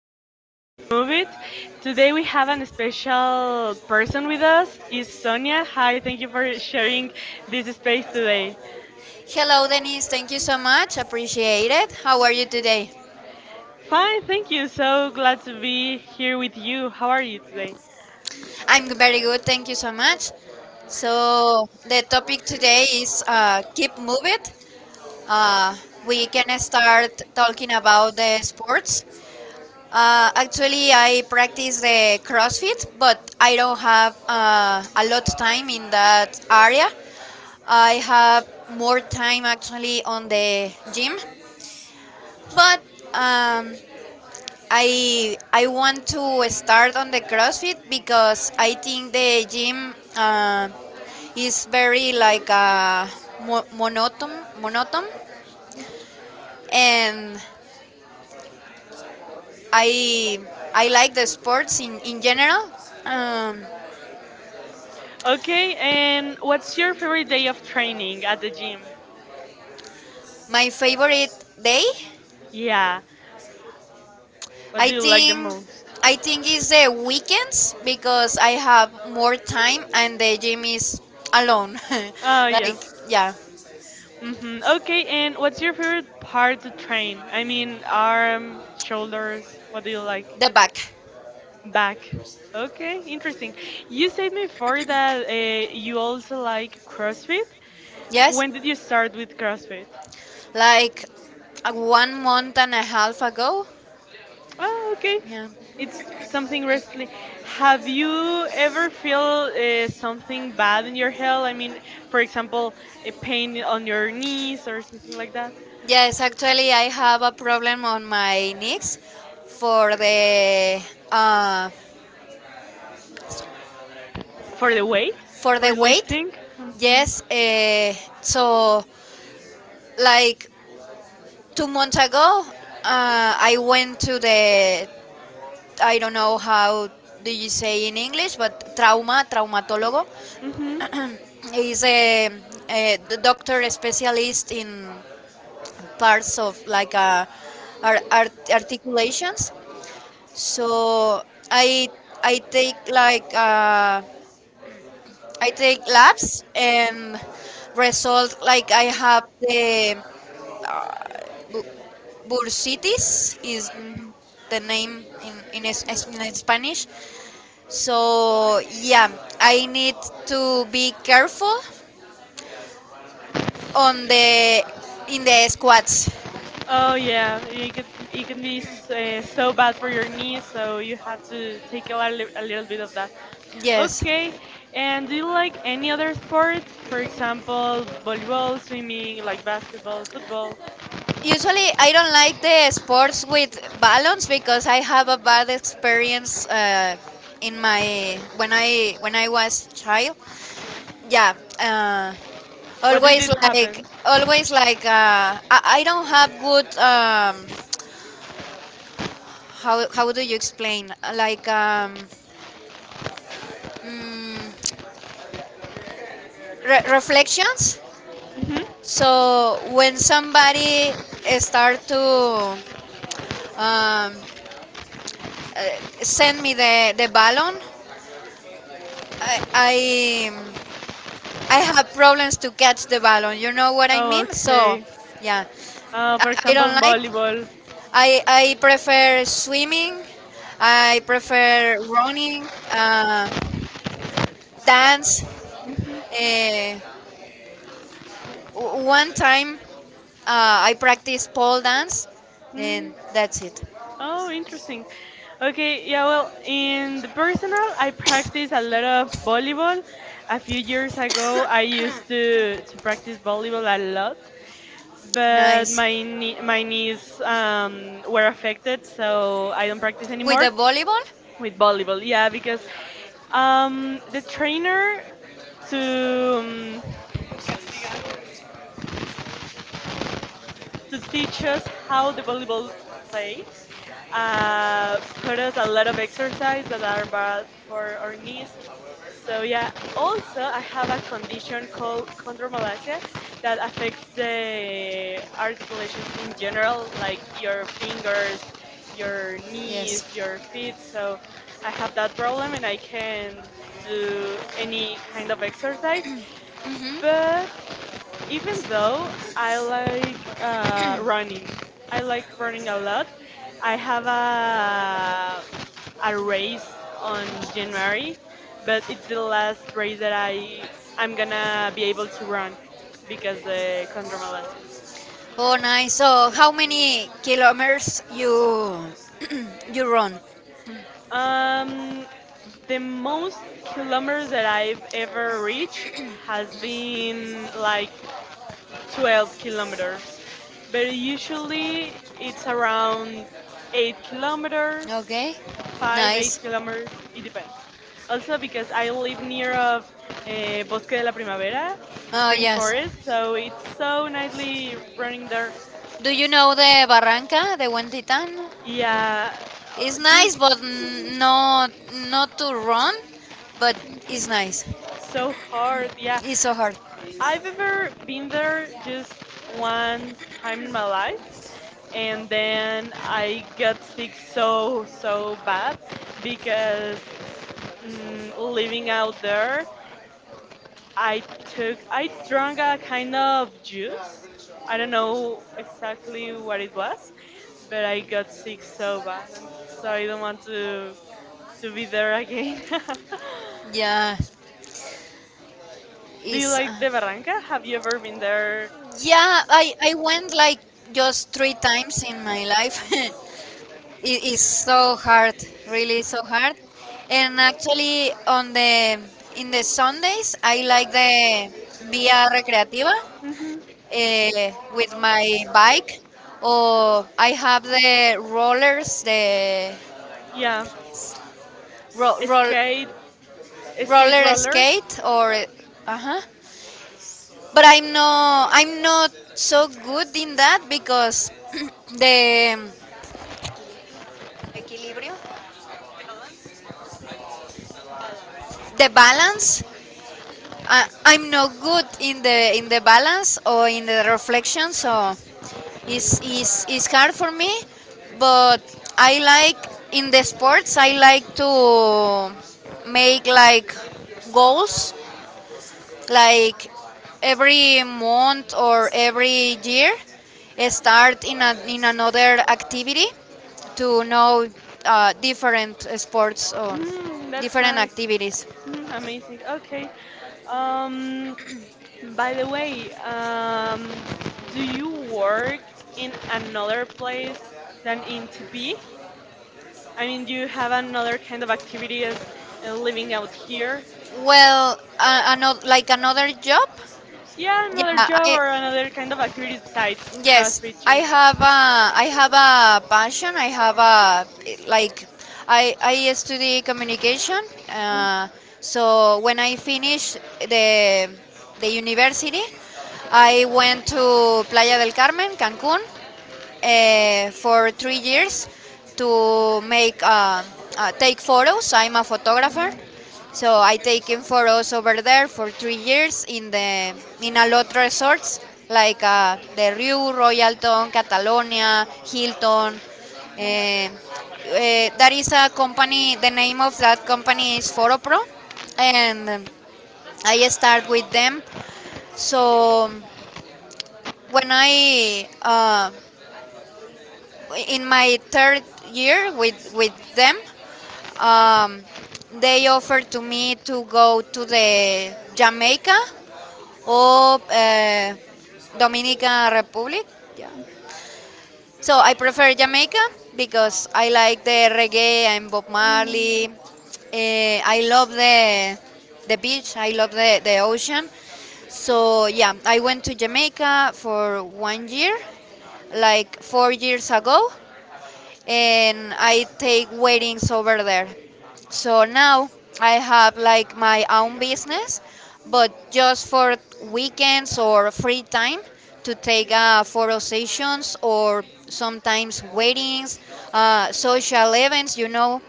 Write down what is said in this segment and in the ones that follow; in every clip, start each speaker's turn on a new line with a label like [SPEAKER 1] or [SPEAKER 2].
[SPEAKER 1] Keep Move It. Today we have an special person with us. Is Sonia? Hi, thank you for sharing this space today.
[SPEAKER 2] Hello, Denise. Thank you so much. Appreciate it. How are you today?
[SPEAKER 1] Fine, thank you. So glad to be here with you. How are you today?
[SPEAKER 2] I'm very good. Thank you so much. So, the topic today is keep moving. Uh, we can start talking about the sports. Actually, I practice the CrossFit, but I don't have a lot of time in that area. I have more time actually on the gym, but um, I want to start on the CrossFit because I think the gym is very like mo- monotone, monotone, and I I like the sports in general. Um,
[SPEAKER 1] Okay, and what's your favorite day of training at the gym?
[SPEAKER 2] my favorite day,
[SPEAKER 1] Yeah, what
[SPEAKER 2] I
[SPEAKER 1] do you like the
[SPEAKER 2] think.
[SPEAKER 1] most?
[SPEAKER 2] I think is the weekends because I have more time and the gym is alone.
[SPEAKER 1] Oh yeah.
[SPEAKER 2] like yeah,
[SPEAKER 1] Hmm. Okay, and what's your favorite part to train? I mean, arm, shoulders, what do you like?
[SPEAKER 2] the back.
[SPEAKER 1] The Back. Okay, interesting. You said before that you also like CrossFit.
[SPEAKER 2] Yes.
[SPEAKER 1] When did you start with CrossFit?
[SPEAKER 2] Like, one month and a half ago.
[SPEAKER 1] Oh, okay.
[SPEAKER 2] Yeah.
[SPEAKER 1] It's something wrestling. Have you ever feel something bad in your health? I mean, for example, a pain on your knees or something like that?
[SPEAKER 2] Yes, actually, I have a problem on my knees for the uh,
[SPEAKER 1] For the weight?
[SPEAKER 2] for
[SPEAKER 1] For
[SPEAKER 2] the weight.
[SPEAKER 1] lifting? Hmm.
[SPEAKER 2] Yes. So, like 2 months ago, I went to the I don't know how do you say in English, but traumatólogo
[SPEAKER 1] Hmm. Hmm.
[SPEAKER 2] is a doctor specialist in parts of like articulations. So I I take like uh, I take labs and result like I have the bursitis is the name in Spanish. So yeah, I need to be careful on the in the squats.
[SPEAKER 1] Oh yeah, it can be so bad for your knees, so you have to take a little bit of that.
[SPEAKER 2] Yes.
[SPEAKER 1] Okay, and do you like any other sports? For example, volleyball, swimming, like basketball, football.
[SPEAKER 2] Usually, I don't like the sports with balloons because I have a bad experience in my when I was child. Yeah,
[SPEAKER 1] What did it happen?
[SPEAKER 2] always like I don't have good how do you explain like reflections.
[SPEAKER 1] Hmm.
[SPEAKER 2] So when somebody start to um, send me the balloon, I. I I have problems to catch the ballon. You know what I
[SPEAKER 1] Oh,
[SPEAKER 2] mean? So,
[SPEAKER 1] okay.
[SPEAKER 2] yeah,
[SPEAKER 1] For
[SPEAKER 2] I, I
[SPEAKER 1] example,
[SPEAKER 2] don't like.
[SPEAKER 1] volleyball.
[SPEAKER 2] I prefer swimming. I prefer running, dance.
[SPEAKER 1] Hmm.
[SPEAKER 2] Uh, one time, I practiced pole dance,
[SPEAKER 1] Mm.
[SPEAKER 2] and that's it.
[SPEAKER 1] Oh, interesting. Okay, yeah, well, in the personal, I practice a lot of volleyball. A few years ago, I used to practice volleyball a lot, but
[SPEAKER 2] Nice
[SPEAKER 1] my knee, my knees were affected, so I don't practice
[SPEAKER 2] with
[SPEAKER 1] anymore
[SPEAKER 2] the volleyball.
[SPEAKER 1] with volleyball. Yeah, because the trainer to um, to teach us how the volleyball plays. Taught us a lot of exercise that are bad for our knees. So yeah. Also, I have a condition called chondromalacia that affects the articulations in general, like your fingers, your
[SPEAKER 2] Yes.
[SPEAKER 1] knees, your feet. So I have that problem, and I can do any kind of exercise,
[SPEAKER 2] Hmm.
[SPEAKER 1] but even though I like running, I like running a lot. I have a race on January, but it's the last race that I'm gonna be able to run because the contramalas.
[SPEAKER 2] Oh, nice. So, how many kilometers you you run?
[SPEAKER 1] Um, the most kilometers that I've ever reached has been like 12 kilometers, but usually it's around 8 kilometers
[SPEAKER 2] Okay,
[SPEAKER 1] five, eight
[SPEAKER 2] nice.
[SPEAKER 1] kilometers. It depends. Also because I live near of Bosque de la Primavera,
[SPEAKER 2] Oh,
[SPEAKER 1] Spring
[SPEAKER 2] yes.
[SPEAKER 1] Forest, so it's so nicely running there.
[SPEAKER 2] Do you know the Barranca de Buen Titan?
[SPEAKER 1] Yeah,
[SPEAKER 2] It's nice,
[SPEAKER 1] just
[SPEAKER 2] but not to run, but it's nice.
[SPEAKER 1] so hard. Yeah,
[SPEAKER 2] It's so hard.
[SPEAKER 1] I've ever been there just one time in my life, and then I got sick so so bad because living out there I took I drank a kind of juice. I don't know exactly what it was, but I got sick so bad, and so I don't want to be there again.
[SPEAKER 2] Yeah,
[SPEAKER 1] Do you
[SPEAKER 2] it's
[SPEAKER 1] like the Barranca? Have you ever been there?
[SPEAKER 2] yeah. I went like just three times in my life. It is so hard, really so hard. And actually, on the in the Sundays, I like the Via Recreativa
[SPEAKER 1] Hmm.
[SPEAKER 2] with my bike, or I have the rollers,
[SPEAKER 1] Yeah,
[SPEAKER 2] ro- roll,
[SPEAKER 1] skate skate
[SPEAKER 2] roller
[SPEAKER 1] roller.
[SPEAKER 2] skate, or uh huh. But I'm not so good in that because the Equilibrio, the balance. I'm not good in the balance or in the reflection, so it's hard for me. But I like in the sports. I like to make like goals, like every month or every year, start in in another activity to know different sports or
[SPEAKER 1] Mm, that's
[SPEAKER 2] different
[SPEAKER 1] nice.
[SPEAKER 2] activities.
[SPEAKER 1] Mm, amazing. Okay. Um, by the way, do you work in another place than in TP? I mean, do you have another kind of activity as living out here?
[SPEAKER 2] Well, another like another job.
[SPEAKER 1] Yeah,
[SPEAKER 2] Yeah,
[SPEAKER 1] another job or another kind of activity besides
[SPEAKER 2] yes,
[SPEAKER 1] CrossFit gym.
[SPEAKER 2] I have a passion. I have a like I study communication. So when I finished the university, I went to Playa del Carmen, Cancun, for 3 years to make take photos. I'm a photographer, so I taken photos over there for 3 years in a lot resorts like the Rue, Royalton, Catalonia, Hilton. Uh, that is a company. The name of that company is Photopro, and I start with them. So when I in my third year with them, um, they offered to me to go to the Jamaica or Dominican Republic, yeah. So I prefer Jamaica because I like the reggae and Bob
[SPEAKER 1] Mm.
[SPEAKER 2] Marley. I love the beach. I love the ocean. So yeah, I went to Jamaica for one year, like 4 years ago, and I take weddings over there. So now I have like my own business, but just for weekends or free time to take photo sessions or sometimes weddings, social events. You know,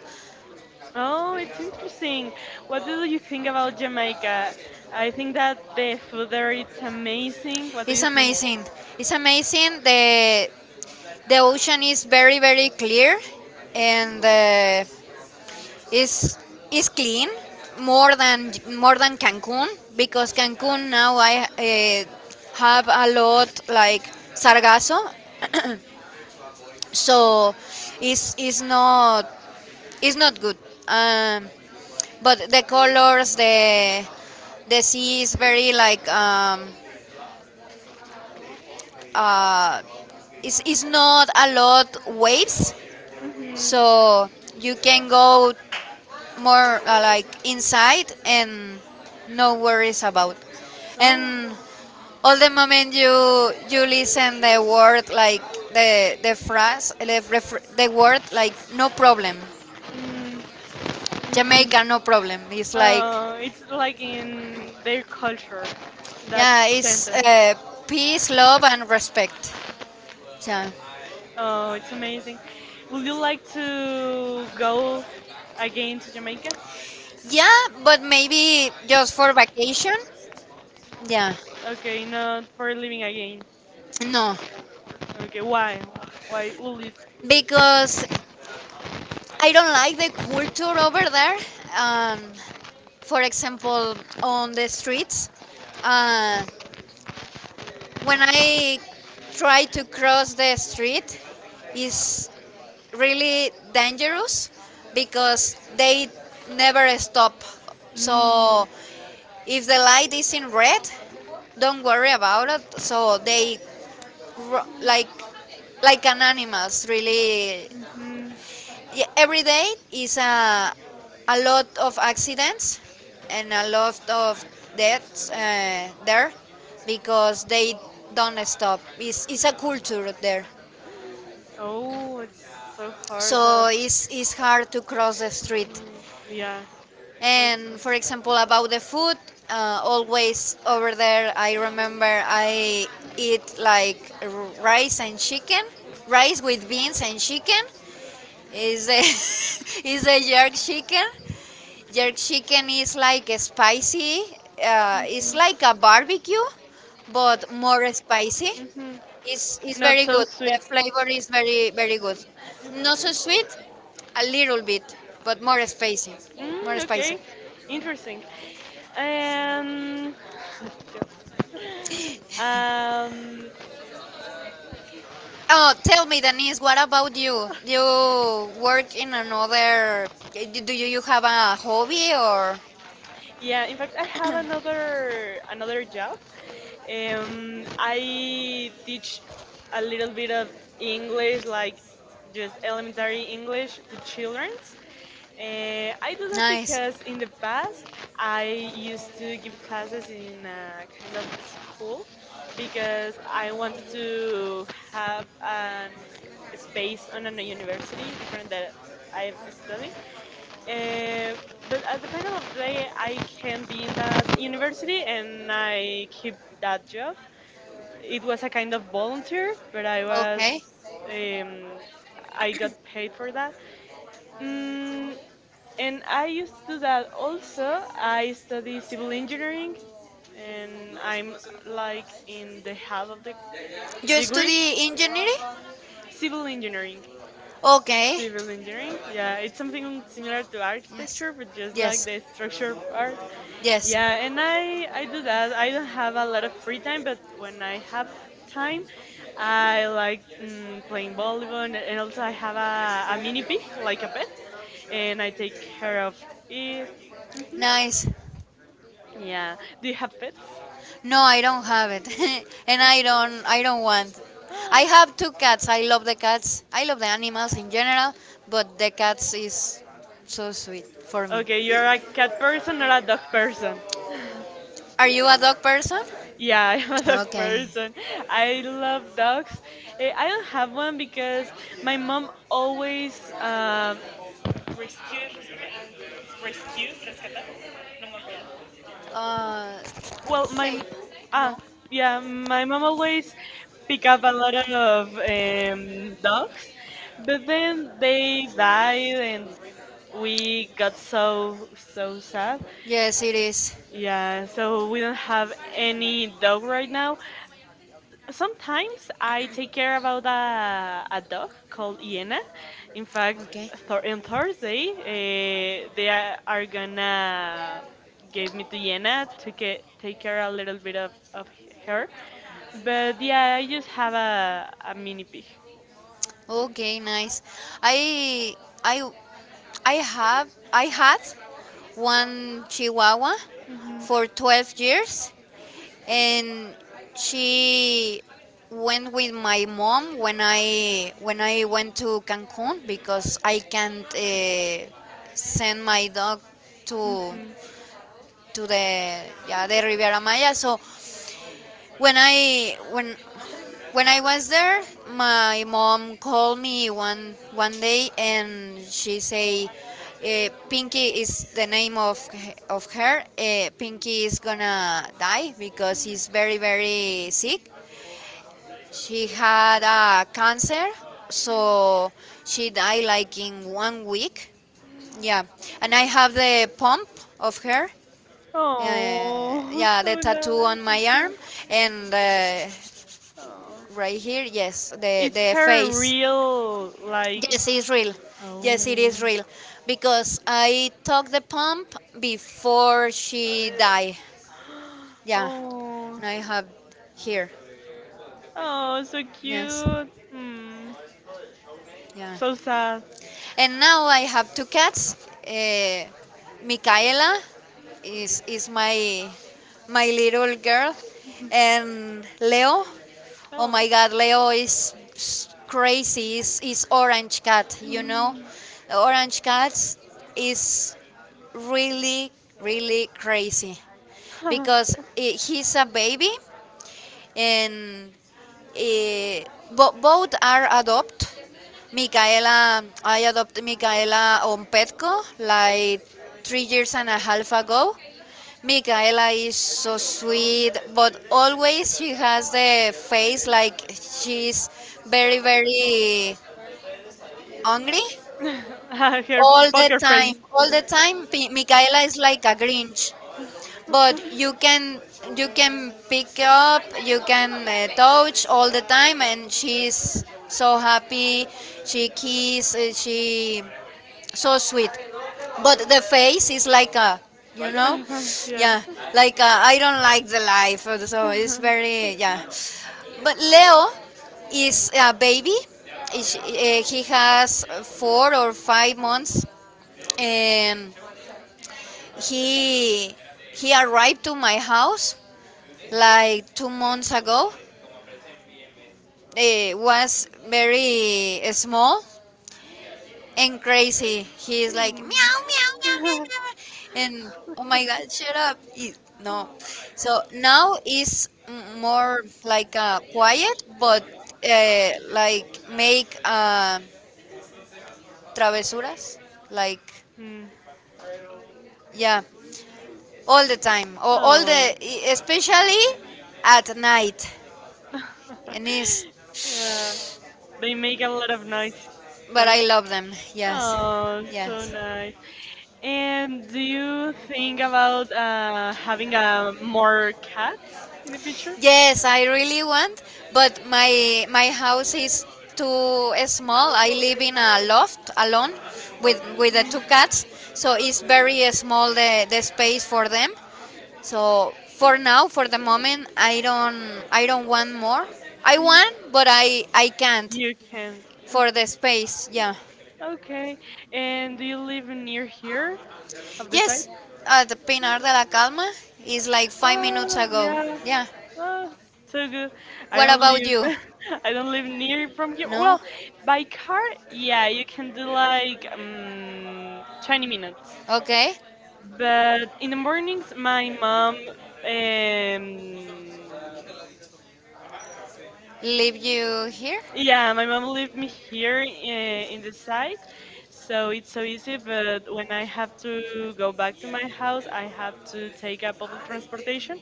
[SPEAKER 1] Oh, it's interesting. What do you think about Jamaica? I think that the food there it's amazing. What do
[SPEAKER 2] it's
[SPEAKER 1] you think?
[SPEAKER 2] amazing. It's amazing. The ocean is very very clear. And. Uh, is is clean, more than Cancun, because Cancun now I have a lot like sargasso, so it's is not it's not good. Um, but the colors, the sea is very like uh, it's not a lot waves,
[SPEAKER 1] Hmm.
[SPEAKER 2] so you can go more like inside and no worries about. And
[SPEAKER 1] Oh.
[SPEAKER 2] all the moment you listen the word like the phrase, the word, like no problem.
[SPEAKER 1] Mm-hmm.
[SPEAKER 2] Jamaica no problem. It's like,
[SPEAKER 1] It's like in their culture, that
[SPEAKER 2] yeah, it's
[SPEAKER 1] sentence.
[SPEAKER 2] peace, love, and respect. Yeah.
[SPEAKER 1] Oh, it's amazing. Would you like to go again to Jamaica?
[SPEAKER 2] Yeah, but maybe just for vacation. Yeah.
[SPEAKER 1] Okay, not for living again.
[SPEAKER 2] No,
[SPEAKER 1] Okay, why? Why would it?
[SPEAKER 2] because I don't like the culture over there. Um, for example, on the streets. Uh, when I try to cross the street, is really dangerous because they never stop.
[SPEAKER 1] Mm,
[SPEAKER 2] So if the light is in red, don't worry about it. So they ru- like like an animals, really.
[SPEAKER 1] hmm.
[SPEAKER 2] Yeah, every day is a lot of accidents and a lot of deaths there because they don't stop. It's a culture there.
[SPEAKER 1] Oh, it's so hard.
[SPEAKER 2] So it's hard to cross the street.
[SPEAKER 1] Yeah.
[SPEAKER 2] And for example, about the food, always over there, I remember I eat like rice and chicken, rice with beans and chicken. Is a, is a jerk chicken. Their chicken is like spicy. It's like a barbecue, but more spicy.
[SPEAKER 1] Hmm.
[SPEAKER 2] It's
[SPEAKER 1] Not
[SPEAKER 2] very
[SPEAKER 1] so
[SPEAKER 2] good. The
[SPEAKER 1] sweet.
[SPEAKER 2] flavor is very, very good. Not so sweet, a little bit, but more spicy. More
[SPEAKER 1] Mm,
[SPEAKER 2] spicy.
[SPEAKER 1] okay, interesting. Um, um,
[SPEAKER 2] Oh, tell me, Denise, what about you? You work in another. Do you have a hobby or?
[SPEAKER 1] yeah. In fact, I have another job. I teach a little bit of English, like just elementary English, to children. I do that
[SPEAKER 2] Nice.
[SPEAKER 1] because in the past I used to give classes in a kind of school because I wanted to have an space on a university different that I've studied. Uh, but at the final of the day, I can be in that university and I keep that job. It was a kind of volunteer, but I was
[SPEAKER 2] Okay.
[SPEAKER 1] um, I got paid for that. Mm, and I used to do that also. I study civil engineering and I'm like in the half of the
[SPEAKER 2] You
[SPEAKER 1] degree.
[SPEAKER 2] study engineering?
[SPEAKER 1] Civil engineering.
[SPEAKER 2] Okay.
[SPEAKER 1] Civil engineering. Yeah, it's something similar to
[SPEAKER 2] Yes.
[SPEAKER 1] architecture, but just like
[SPEAKER 2] Yes.
[SPEAKER 1] the structure part.
[SPEAKER 2] Yes.
[SPEAKER 1] Yeah, and I do that. I don't have a lot of free time, but when I have time, I like playing volleyball, and also I have a mini pig, like a pet, and I take care of it. Mhm.
[SPEAKER 2] Nice.
[SPEAKER 1] Yeah. Do you have pets?
[SPEAKER 2] No, I don't have it. And I don't want. I have two cats. I love the cats. I love the animals in general, but the cats is so sweet for me.
[SPEAKER 1] Okay, you're a cat person or a dog person?
[SPEAKER 2] Are you a dog person?
[SPEAKER 1] Yeah, I'm a dog
[SPEAKER 2] Okay.
[SPEAKER 1] person. I love dogs. Eh, I don't have one because my mom always, um,
[SPEAKER 2] Uh
[SPEAKER 1] well, my
[SPEAKER 2] Safe,
[SPEAKER 1] ah,
[SPEAKER 2] no?
[SPEAKER 1] yeah, my mom always pick up a lot of dogs, but then they died and we got so so sad.
[SPEAKER 2] Yes, it is.
[SPEAKER 1] Yeah, so we don't have any dog right now. Sometimes I take care about a dog called Iena. In fact,
[SPEAKER 2] Okay.
[SPEAKER 1] on Thursday, they are gonna give me to Iena to get, take care a little bit of her. But yeah, I just have a mini pig.
[SPEAKER 2] Okay, nice. I I I had one chihuahua
[SPEAKER 1] Mhm.
[SPEAKER 2] for 12 years, and she went with my mom when I went to Cancun because I can't send my dog to
[SPEAKER 1] Mhm.
[SPEAKER 2] to the yeah, the Riviera Maya. So when I when when I was there, my mom called me one day and she say, "Pinky is the name of of her. Pinky is gonna die because he's very very sick. She had a cancer, so she died like in one week. Yeah, and I have the pump of her. Uh,
[SPEAKER 1] Oh,
[SPEAKER 2] yeah, the
[SPEAKER 1] so nice,
[SPEAKER 2] tattoo on
[SPEAKER 1] so
[SPEAKER 2] my arm,
[SPEAKER 1] cute.
[SPEAKER 2] and
[SPEAKER 1] Oh.
[SPEAKER 2] right here, yes,
[SPEAKER 1] Is
[SPEAKER 2] the
[SPEAKER 1] her
[SPEAKER 2] face.
[SPEAKER 1] real like
[SPEAKER 2] Yes, it's real.
[SPEAKER 1] oh
[SPEAKER 2] Yes, it is real. Because I took the pump before she died. Yeah,
[SPEAKER 1] oh
[SPEAKER 2] and I have here.
[SPEAKER 1] oh so
[SPEAKER 2] Yes,
[SPEAKER 1] cute hmm
[SPEAKER 2] yeah.
[SPEAKER 1] so sad
[SPEAKER 2] And now I have two cats. Uh, Micaela is my little girl, and Leo. Oh
[SPEAKER 1] oh
[SPEAKER 2] my God, Leo is crazy. Is orange cat, you know? Orange cats is really really crazy because I he's a baby. And Eh, both are adopt. Micaela, I adopted Micaela on Petco like 3 years and a half ago. Micaela is so sweet, but always she has the face like she's very, very hungry
[SPEAKER 1] her
[SPEAKER 2] all the
[SPEAKER 1] poker
[SPEAKER 2] time.
[SPEAKER 1] face
[SPEAKER 2] All the time, Micaela is like a Grinch, but you can pick up, you can touch all the time, and she's so happy. She kiss she so sweet, but the face is like a, you
[SPEAKER 1] ¿Cuál es?
[SPEAKER 2] know yeah,
[SPEAKER 1] Yeah.
[SPEAKER 2] like I don't like the life, so it's very, yeah. But Leo is a baby. He has 4 or 5 months, and he he arrived to my house like 2 months ago. It was very small and crazy. He's like meow meow meow meow, meow. And oh my god, shut up! It- no, so now it's more like quiet, but like make travesuras, like,
[SPEAKER 1] Hmm.
[SPEAKER 2] yeah, all the time, or all
[SPEAKER 1] Oh
[SPEAKER 2] the especially at night. And it's
[SPEAKER 1] yeah, they make a lot of noise.
[SPEAKER 2] but I love them. Yes,
[SPEAKER 1] Oh, so
[SPEAKER 2] yes.
[SPEAKER 1] nice. And do you think about having more cats in the future?
[SPEAKER 2] Yes, I really want, but my house is too small. I live in a loft alone with the two cats, so it's very small the space for them. So for now, for the moment, I don't want more. I want, but I can't
[SPEAKER 1] You can.
[SPEAKER 2] for the space. Yeah.
[SPEAKER 1] Okay. And do you live near here of the site?
[SPEAKER 2] Yes, at the Pinar de la Calma is like 5 minutes
[SPEAKER 1] Oh
[SPEAKER 2] ago.
[SPEAKER 1] yeah.
[SPEAKER 2] Yeah.
[SPEAKER 1] Oh, so good. I
[SPEAKER 2] What
[SPEAKER 1] don't
[SPEAKER 2] about you?
[SPEAKER 1] live I don't live near from here.
[SPEAKER 2] No.
[SPEAKER 1] Well, by car, yeah, you can do like 20 minutes.
[SPEAKER 2] Okay.
[SPEAKER 1] But in the mornings, um,
[SPEAKER 2] Leave you here.
[SPEAKER 1] yeah, my mom leave me here in the side, so it's so easy. But when I have to go back to my house, I have to take a public transportation,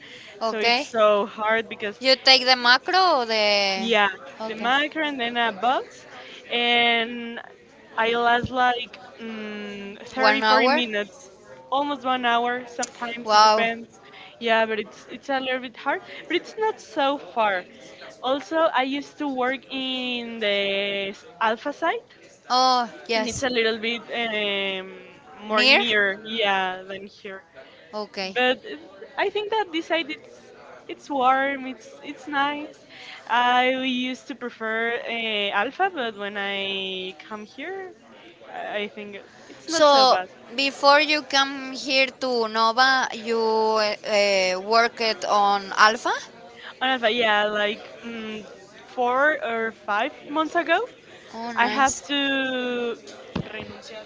[SPEAKER 1] so
[SPEAKER 2] Okay.
[SPEAKER 1] it's so hard because
[SPEAKER 2] You take the macro or the?
[SPEAKER 1] yeah, the
[SPEAKER 2] Okay.
[SPEAKER 1] micro and then a box, and I last like 30,
[SPEAKER 2] One
[SPEAKER 1] forty
[SPEAKER 2] hour?
[SPEAKER 1] minutes, almost one hour. Sometimes it
[SPEAKER 2] Wow.
[SPEAKER 1] depends. Yeah, but it's a little bit hard, but it's not so far. Also, I used to work in the alpha site,
[SPEAKER 2] Oh,
[SPEAKER 1] and it's
[SPEAKER 2] yes.
[SPEAKER 1] a little bit more
[SPEAKER 2] Near?
[SPEAKER 1] near, yeah, than here
[SPEAKER 2] Okay.
[SPEAKER 1] but I think that this side it's warm, it's nice. I used to prefer Alpha, but when I come here, I think it's not so
[SPEAKER 2] So,
[SPEAKER 1] bad.
[SPEAKER 2] before you come here to Nova, you worked on Alpha?
[SPEAKER 1] On Alpha, yeah, like 4 or 5 months ago,
[SPEAKER 2] Oh,
[SPEAKER 1] I have
[SPEAKER 2] nice.
[SPEAKER 1] to renunciar.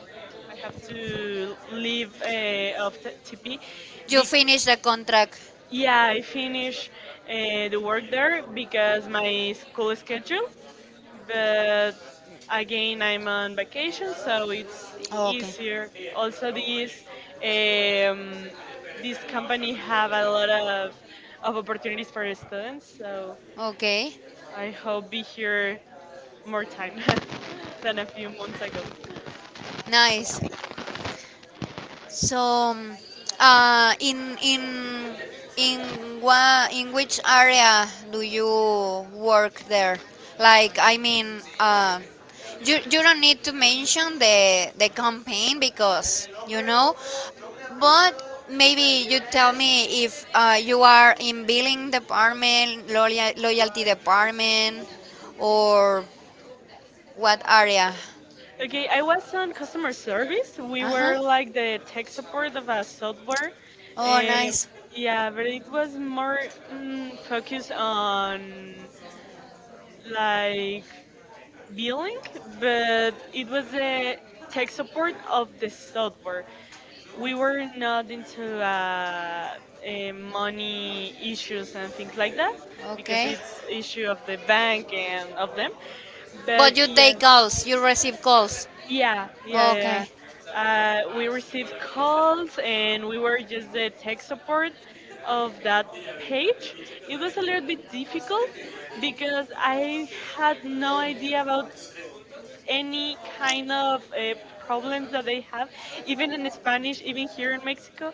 [SPEAKER 1] I have to leave of the TP.
[SPEAKER 2] You
[SPEAKER 1] Be-
[SPEAKER 2] finished the contract?
[SPEAKER 1] yeah, I finish the work there because my school schedule, but again I'm on vacation so it's
[SPEAKER 2] Okay.
[SPEAKER 1] easier. Also this um, this company have a lot of opportunities for students, so
[SPEAKER 2] Okay.
[SPEAKER 1] I hope be here more time than a few months ago.
[SPEAKER 2] Nice. So, um, uh, in in in in which area do you work there? Like, I mean, you don't need to mention the campaign because you know, but maybe you tell me if you are in billing department, loyalty department, or what area?
[SPEAKER 1] Okay, I was on customer service. We
[SPEAKER 2] Uh huh.
[SPEAKER 1] were like the tech support of a software.
[SPEAKER 2] Oh,
[SPEAKER 1] Um,
[SPEAKER 2] nice.
[SPEAKER 1] yeah, but it was more focused on like billing, but it was the tech support of the software. We were not into money issues and things like that because
[SPEAKER 2] Okay.
[SPEAKER 1] it's issue of the bank and of them. But
[SPEAKER 2] But you
[SPEAKER 1] yeah,
[SPEAKER 2] take calls, you receive calls.
[SPEAKER 1] yeah, yeah, yeah. Yeah.
[SPEAKER 2] Okay.
[SPEAKER 1] We received calls and we were just the tech support of that page. It was a little bit difficult because I had no idea about any kind of problems that they have. Even in Spanish, even here in Mexico,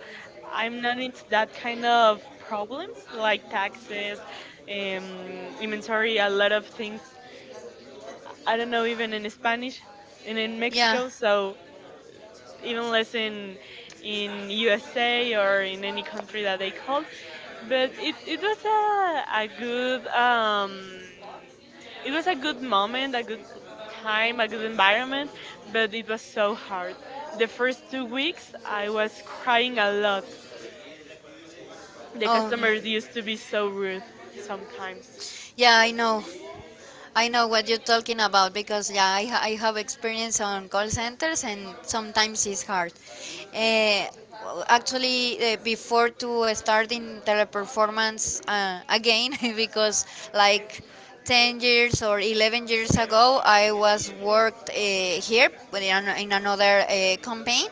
[SPEAKER 1] I'm not into that kind of problems like taxes, inventory, a lot of things. I don't know even in Spanish and in
[SPEAKER 2] Yeah.
[SPEAKER 1] Mexico, so even less in USA or in any country that they called. But it was a good it was a good moment, a good time, a good environment, but it was so hard. The first 2 weeks I was crying a lot. The
[SPEAKER 2] Oh,
[SPEAKER 1] customers
[SPEAKER 2] okay.
[SPEAKER 1] used to be so rude sometimes.
[SPEAKER 2] Yeah, I know. I know what you're talking about because yeah, I have experience on call centers and sometimes it's hard. Uh, actually, before to start in teleperformance again because like 10 years or 11 years ago I was worked here, but in another campaign.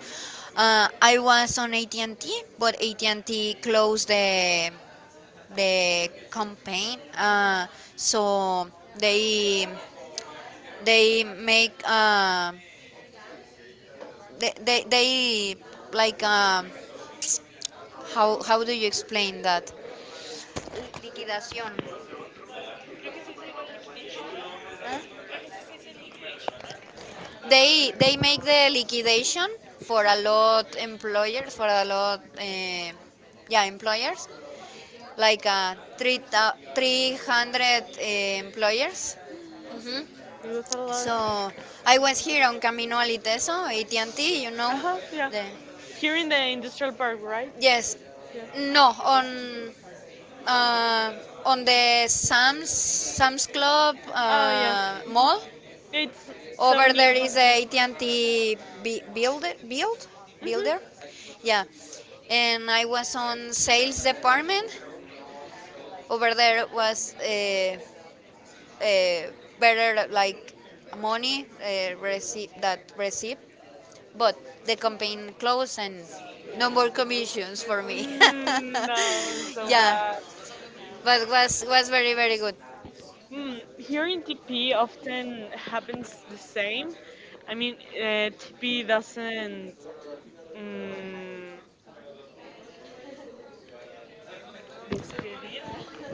[SPEAKER 2] I was on AT&T, but AT&T closed the campaign. So they they make they like, how do you explain that? Liquidación. They make the liquidation for a lot employers, for a lot yeah, employers, like three 300 employers.
[SPEAKER 1] It was a lot.
[SPEAKER 2] So I was here on Camino Aliteso, AT&T, you
[SPEAKER 1] Uh
[SPEAKER 2] know.
[SPEAKER 1] huh. Yeah.
[SPEAKER 2] The,
[SPEAKER 1] Here in the industrial park, right? Yeah.
[SPEAKER 2] Yes, no, uh, on the Sam's Club
[SPEAKER 1] Oh yeah. Uh,
[SPEAKER 2] mall.
[SPEAKER 1] it's so
[SPEAKER 2] Over there
[SPEAKER 1] near from
[SPEAKER 2] is a AT&T bu- builder, build,
[SPEAKER 1] mhm.
[SPEAKER 2] builder, yeah. And I was on sales department. Over there was uh, better, like money, receipt, but the campaign closed and no more commissions for me.
[SPEAKER 1] Mm, no, so
[SPEAKER 2] Yeah,
[SPEAKER 1] bad.
[SPEAKER 2] but was very very good.
[SPEAKER 1] Mm, here in TP often happens the same. I mean, TP doesn't mm, disappear.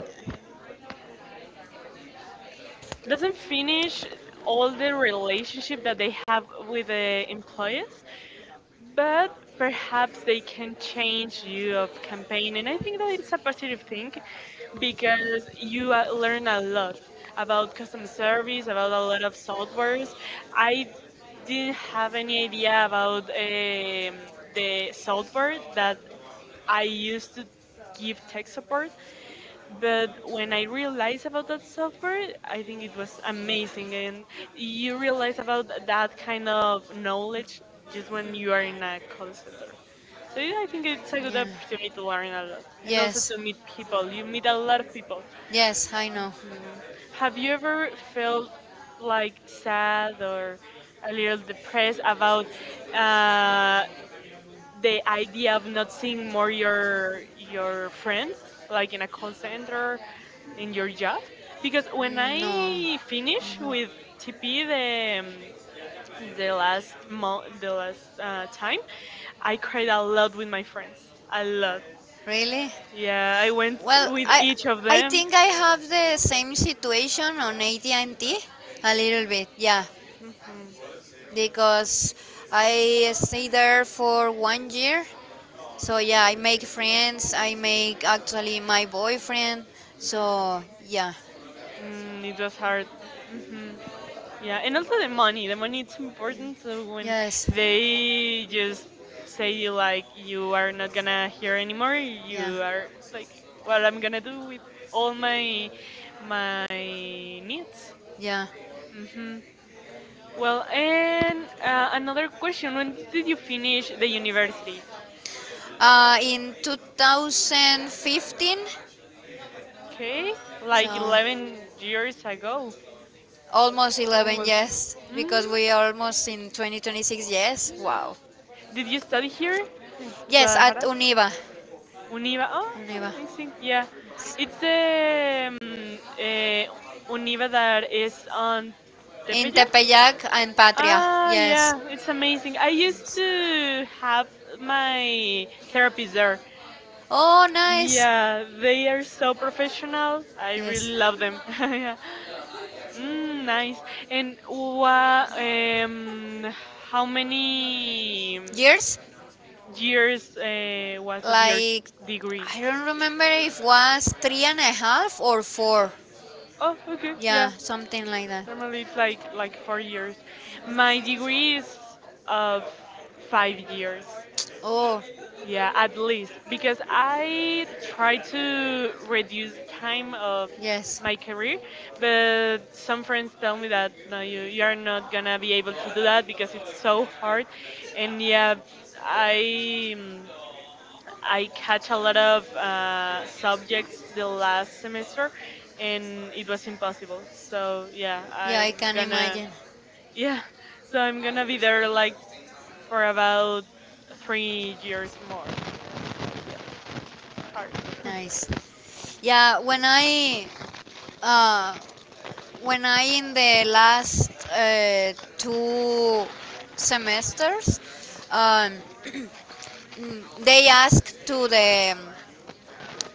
[SPEAKER 1] Doesn't finish all the relationship that they have with the employees, but perhaps they can change you of campaign. And I think that it's a positive thing because you learn a lot about customer service, about a lot of softwares. I didn't have any idea about the software that I used to give tech support, but when I realized about that software, I think it was amazing. And you realize about that kind of knowledge just when you are in a call center. So yeah, I think it's a good
[SPEAKER 2] Yeah.
[SPEAKER 1] opportunity to learn a lot and also
[SPEAKER 2] Yes.
[SPEAKER 1] to meet people. You meet a lot of people.
[SPEAKER 2] Yes, I know.
[SPEAKER 1] Mhm. Have you ever felt like sad or a little depressed about uh, the idea of not seeing more your friends like in a call center in your job? Because when
[SPEAKER 2] Mm, no.
[SPEAKER 1] I finish
[SPEAKER 2] Mhm.
[SPEAKER 1] with TP the the last time I cried a lot with my friends, a lot.
[SPEAKER 2] Really?
[SPEAKER 1] Yeah, I went
[SPEAKER 2] Well,
[SPEAKER 1] with
[SPEAKER 2] I
[SPEAKER 1] each of
[SPEAKER 2] I
[SPEAKER 1] them.
[SPEAKER 2] think I have the same situation on AT&T a little bit, yeah,
[SPEAKER 1] Mhm.
[SPEAKER 2] because I stay there for one year. So yeah, I make friends. I make actually my boyfriend. So yeah,
[SPEAKER 1] Mm, it was hard. Hmm. Yeah, and also the money. The money it's important. So when
[SPEAKER 2] yes,
[SPEAKER 1] they just say like you are not gonna hear anymore,
[SPEAKER 2] yeah,
[SPEAKER 1] you are like, what I'm gonna do with all my my needs.
[SPEAKER 2] yeah.
[SPEAKER 1] Hmm. Well, and another question: when did you finish the university?
[SPEAKER 2] In 2015,
[SPEAKER 1] Okay, like
[SPEAKER 2] so
[SPEAKER 1] 11 years ago,
[SPEAKER 2] almost 11,
[SPEAKER 1] almost.
[SPEAKER 2] yes,
[SPEAKER 1] Mm.
[SPEAKER 2] because we are almost in 2026, yes. Wow.
[SPEAKER 1] Did you study here in
[SPEAKER 2] Yes, at
[SPEAKER 1] Guadalajara?
[SPEAKER 2] Univa.
[SPEAKER 1] Univa. Oh,
[SPEAKER 2] Univa.
[SPEAKER 1] I think yeah, it's the Univa that is on
[SPEAKER 2] In
[SPEAKER 1] Tepeyac.
[SPEAKER 2] Tepeyac and Patria,
[SPEAKER 1] Ah,
[SPEAKER 2] yes.
[SPEAKER 1] yeah, it's amazing. I used to have my therapies there.
[SPEAKER 2] Oh, nice.
[SPEAKER 1] Yeah, they are so professional. I
[SPEAKER 2] Yes.
[SPEAKER 1] really love them. Yeah. Mm, nice. And what? How many
[SPEAKER 2] Years?
[SPEAKER 1] years was of your
[SPEAKER 2] Like,
[SPEAKER 1] degree?
[SPEAKER 2] I don't remember if was three and a half or four.
[SPEAKER 1] Oh, okay,
[SPEAKER 2] Yeah,
[SPEAKER 1] yeah.
[SPEAKER 2] something like that.
[SPEAKER 1] Normally it's like 4 years. My degree is of 5 years.
[SPEAKER 2] Oh,
[SPEAKER 1] Yeah, at least because I try to reduce time of
[SPEAKER 2] yes.
[SPEAKER 1] my career, but some friends tell me that no, you are not gonna be able to do that because it's so hard, and yeah, I. mm, I catch a lot of subjects the last semester, and it was impossible. So yeah,
[SPEAKER 2] Yeah, I
[SPEAKER 1] I'm
[SPEAKER 2] can
[SPEAKER 1] gonna
[SPEAKER 2] imagine.
[SPEAKER 1] yeah, so I'm gonna be there like for about 3 years more. Yeah, hard.
[SPEAKER 2] Nice. Yeah, uh, when I in the last two semesters, um, they asked to the um,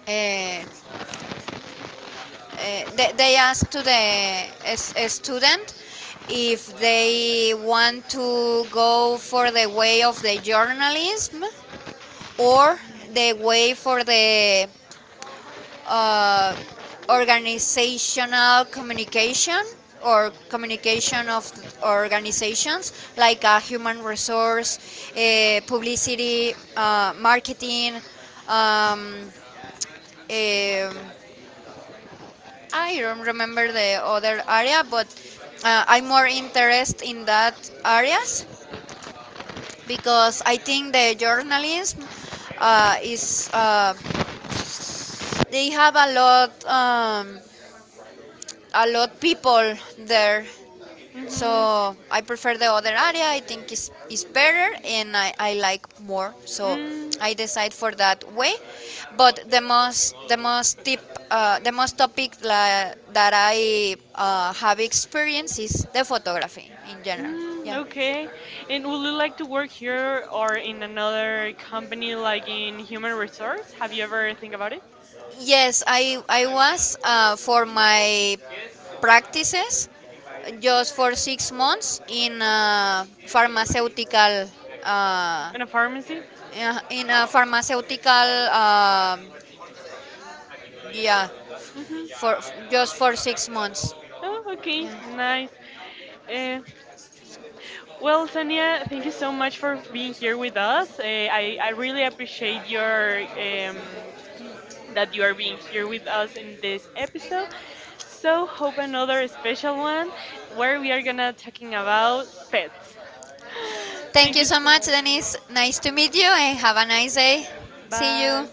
[SPEAKER 2] uh, they ask to a student if they want to go for the way of the journalism or the way for the uh, organizational communication, or communication of organizations, like human resource, publicity, marketing. um, um, I don't remember the other area, but I'm more interested in that areas because I think the journalism is they have a lot, a lot people there. So
[SPEAKER 1] Hmm.
[SPEAKER 2] I prefer the other area. I think is better, and I like more. So
[SPEAKER 1] Mm.
[SPEAKER 2] I decide for that way. But the most topic, that I have experience, is the photography in general.
[SPEAKER 1] Mm,
[SPEAKER 2] Yeah.
[SPEAKER 1] okay. And would you like to work here or in another company like in human resource? Have you ever think about it?
[SPEAKER 2] Yes, I was for my practices just for 6 months in a pharmaceutical, uh,
[SPEAKER 1] In a pharmacy?
[SPEAKER 2] uh, in a pharmaceutical um yeah
[SPEAKER 1] Hmm.
[SPEAKER 2] for just for 6 months,
[SPEAKER 1] Oh, okay,
[SPEAKER 2] yeah.
[SPEAKER 1] nice. Uh, well, Sania, thank you so much for being here with us. I really appreciate your that you are being here with us in this episode. So hope another special one where we are gonna talking about pets.
[SPEAKER 2] Thank
[SPEAKER 1] Thank
[SPEAKER 2] you
[SPEAKER 1] you. So-
[SPEAKER 2] so
[SPEAKER 1] much.
[SPEAKER 2] much, Denise. Nice to meet you, and have a nice day. See you.
[SPEAKER 1] Bye.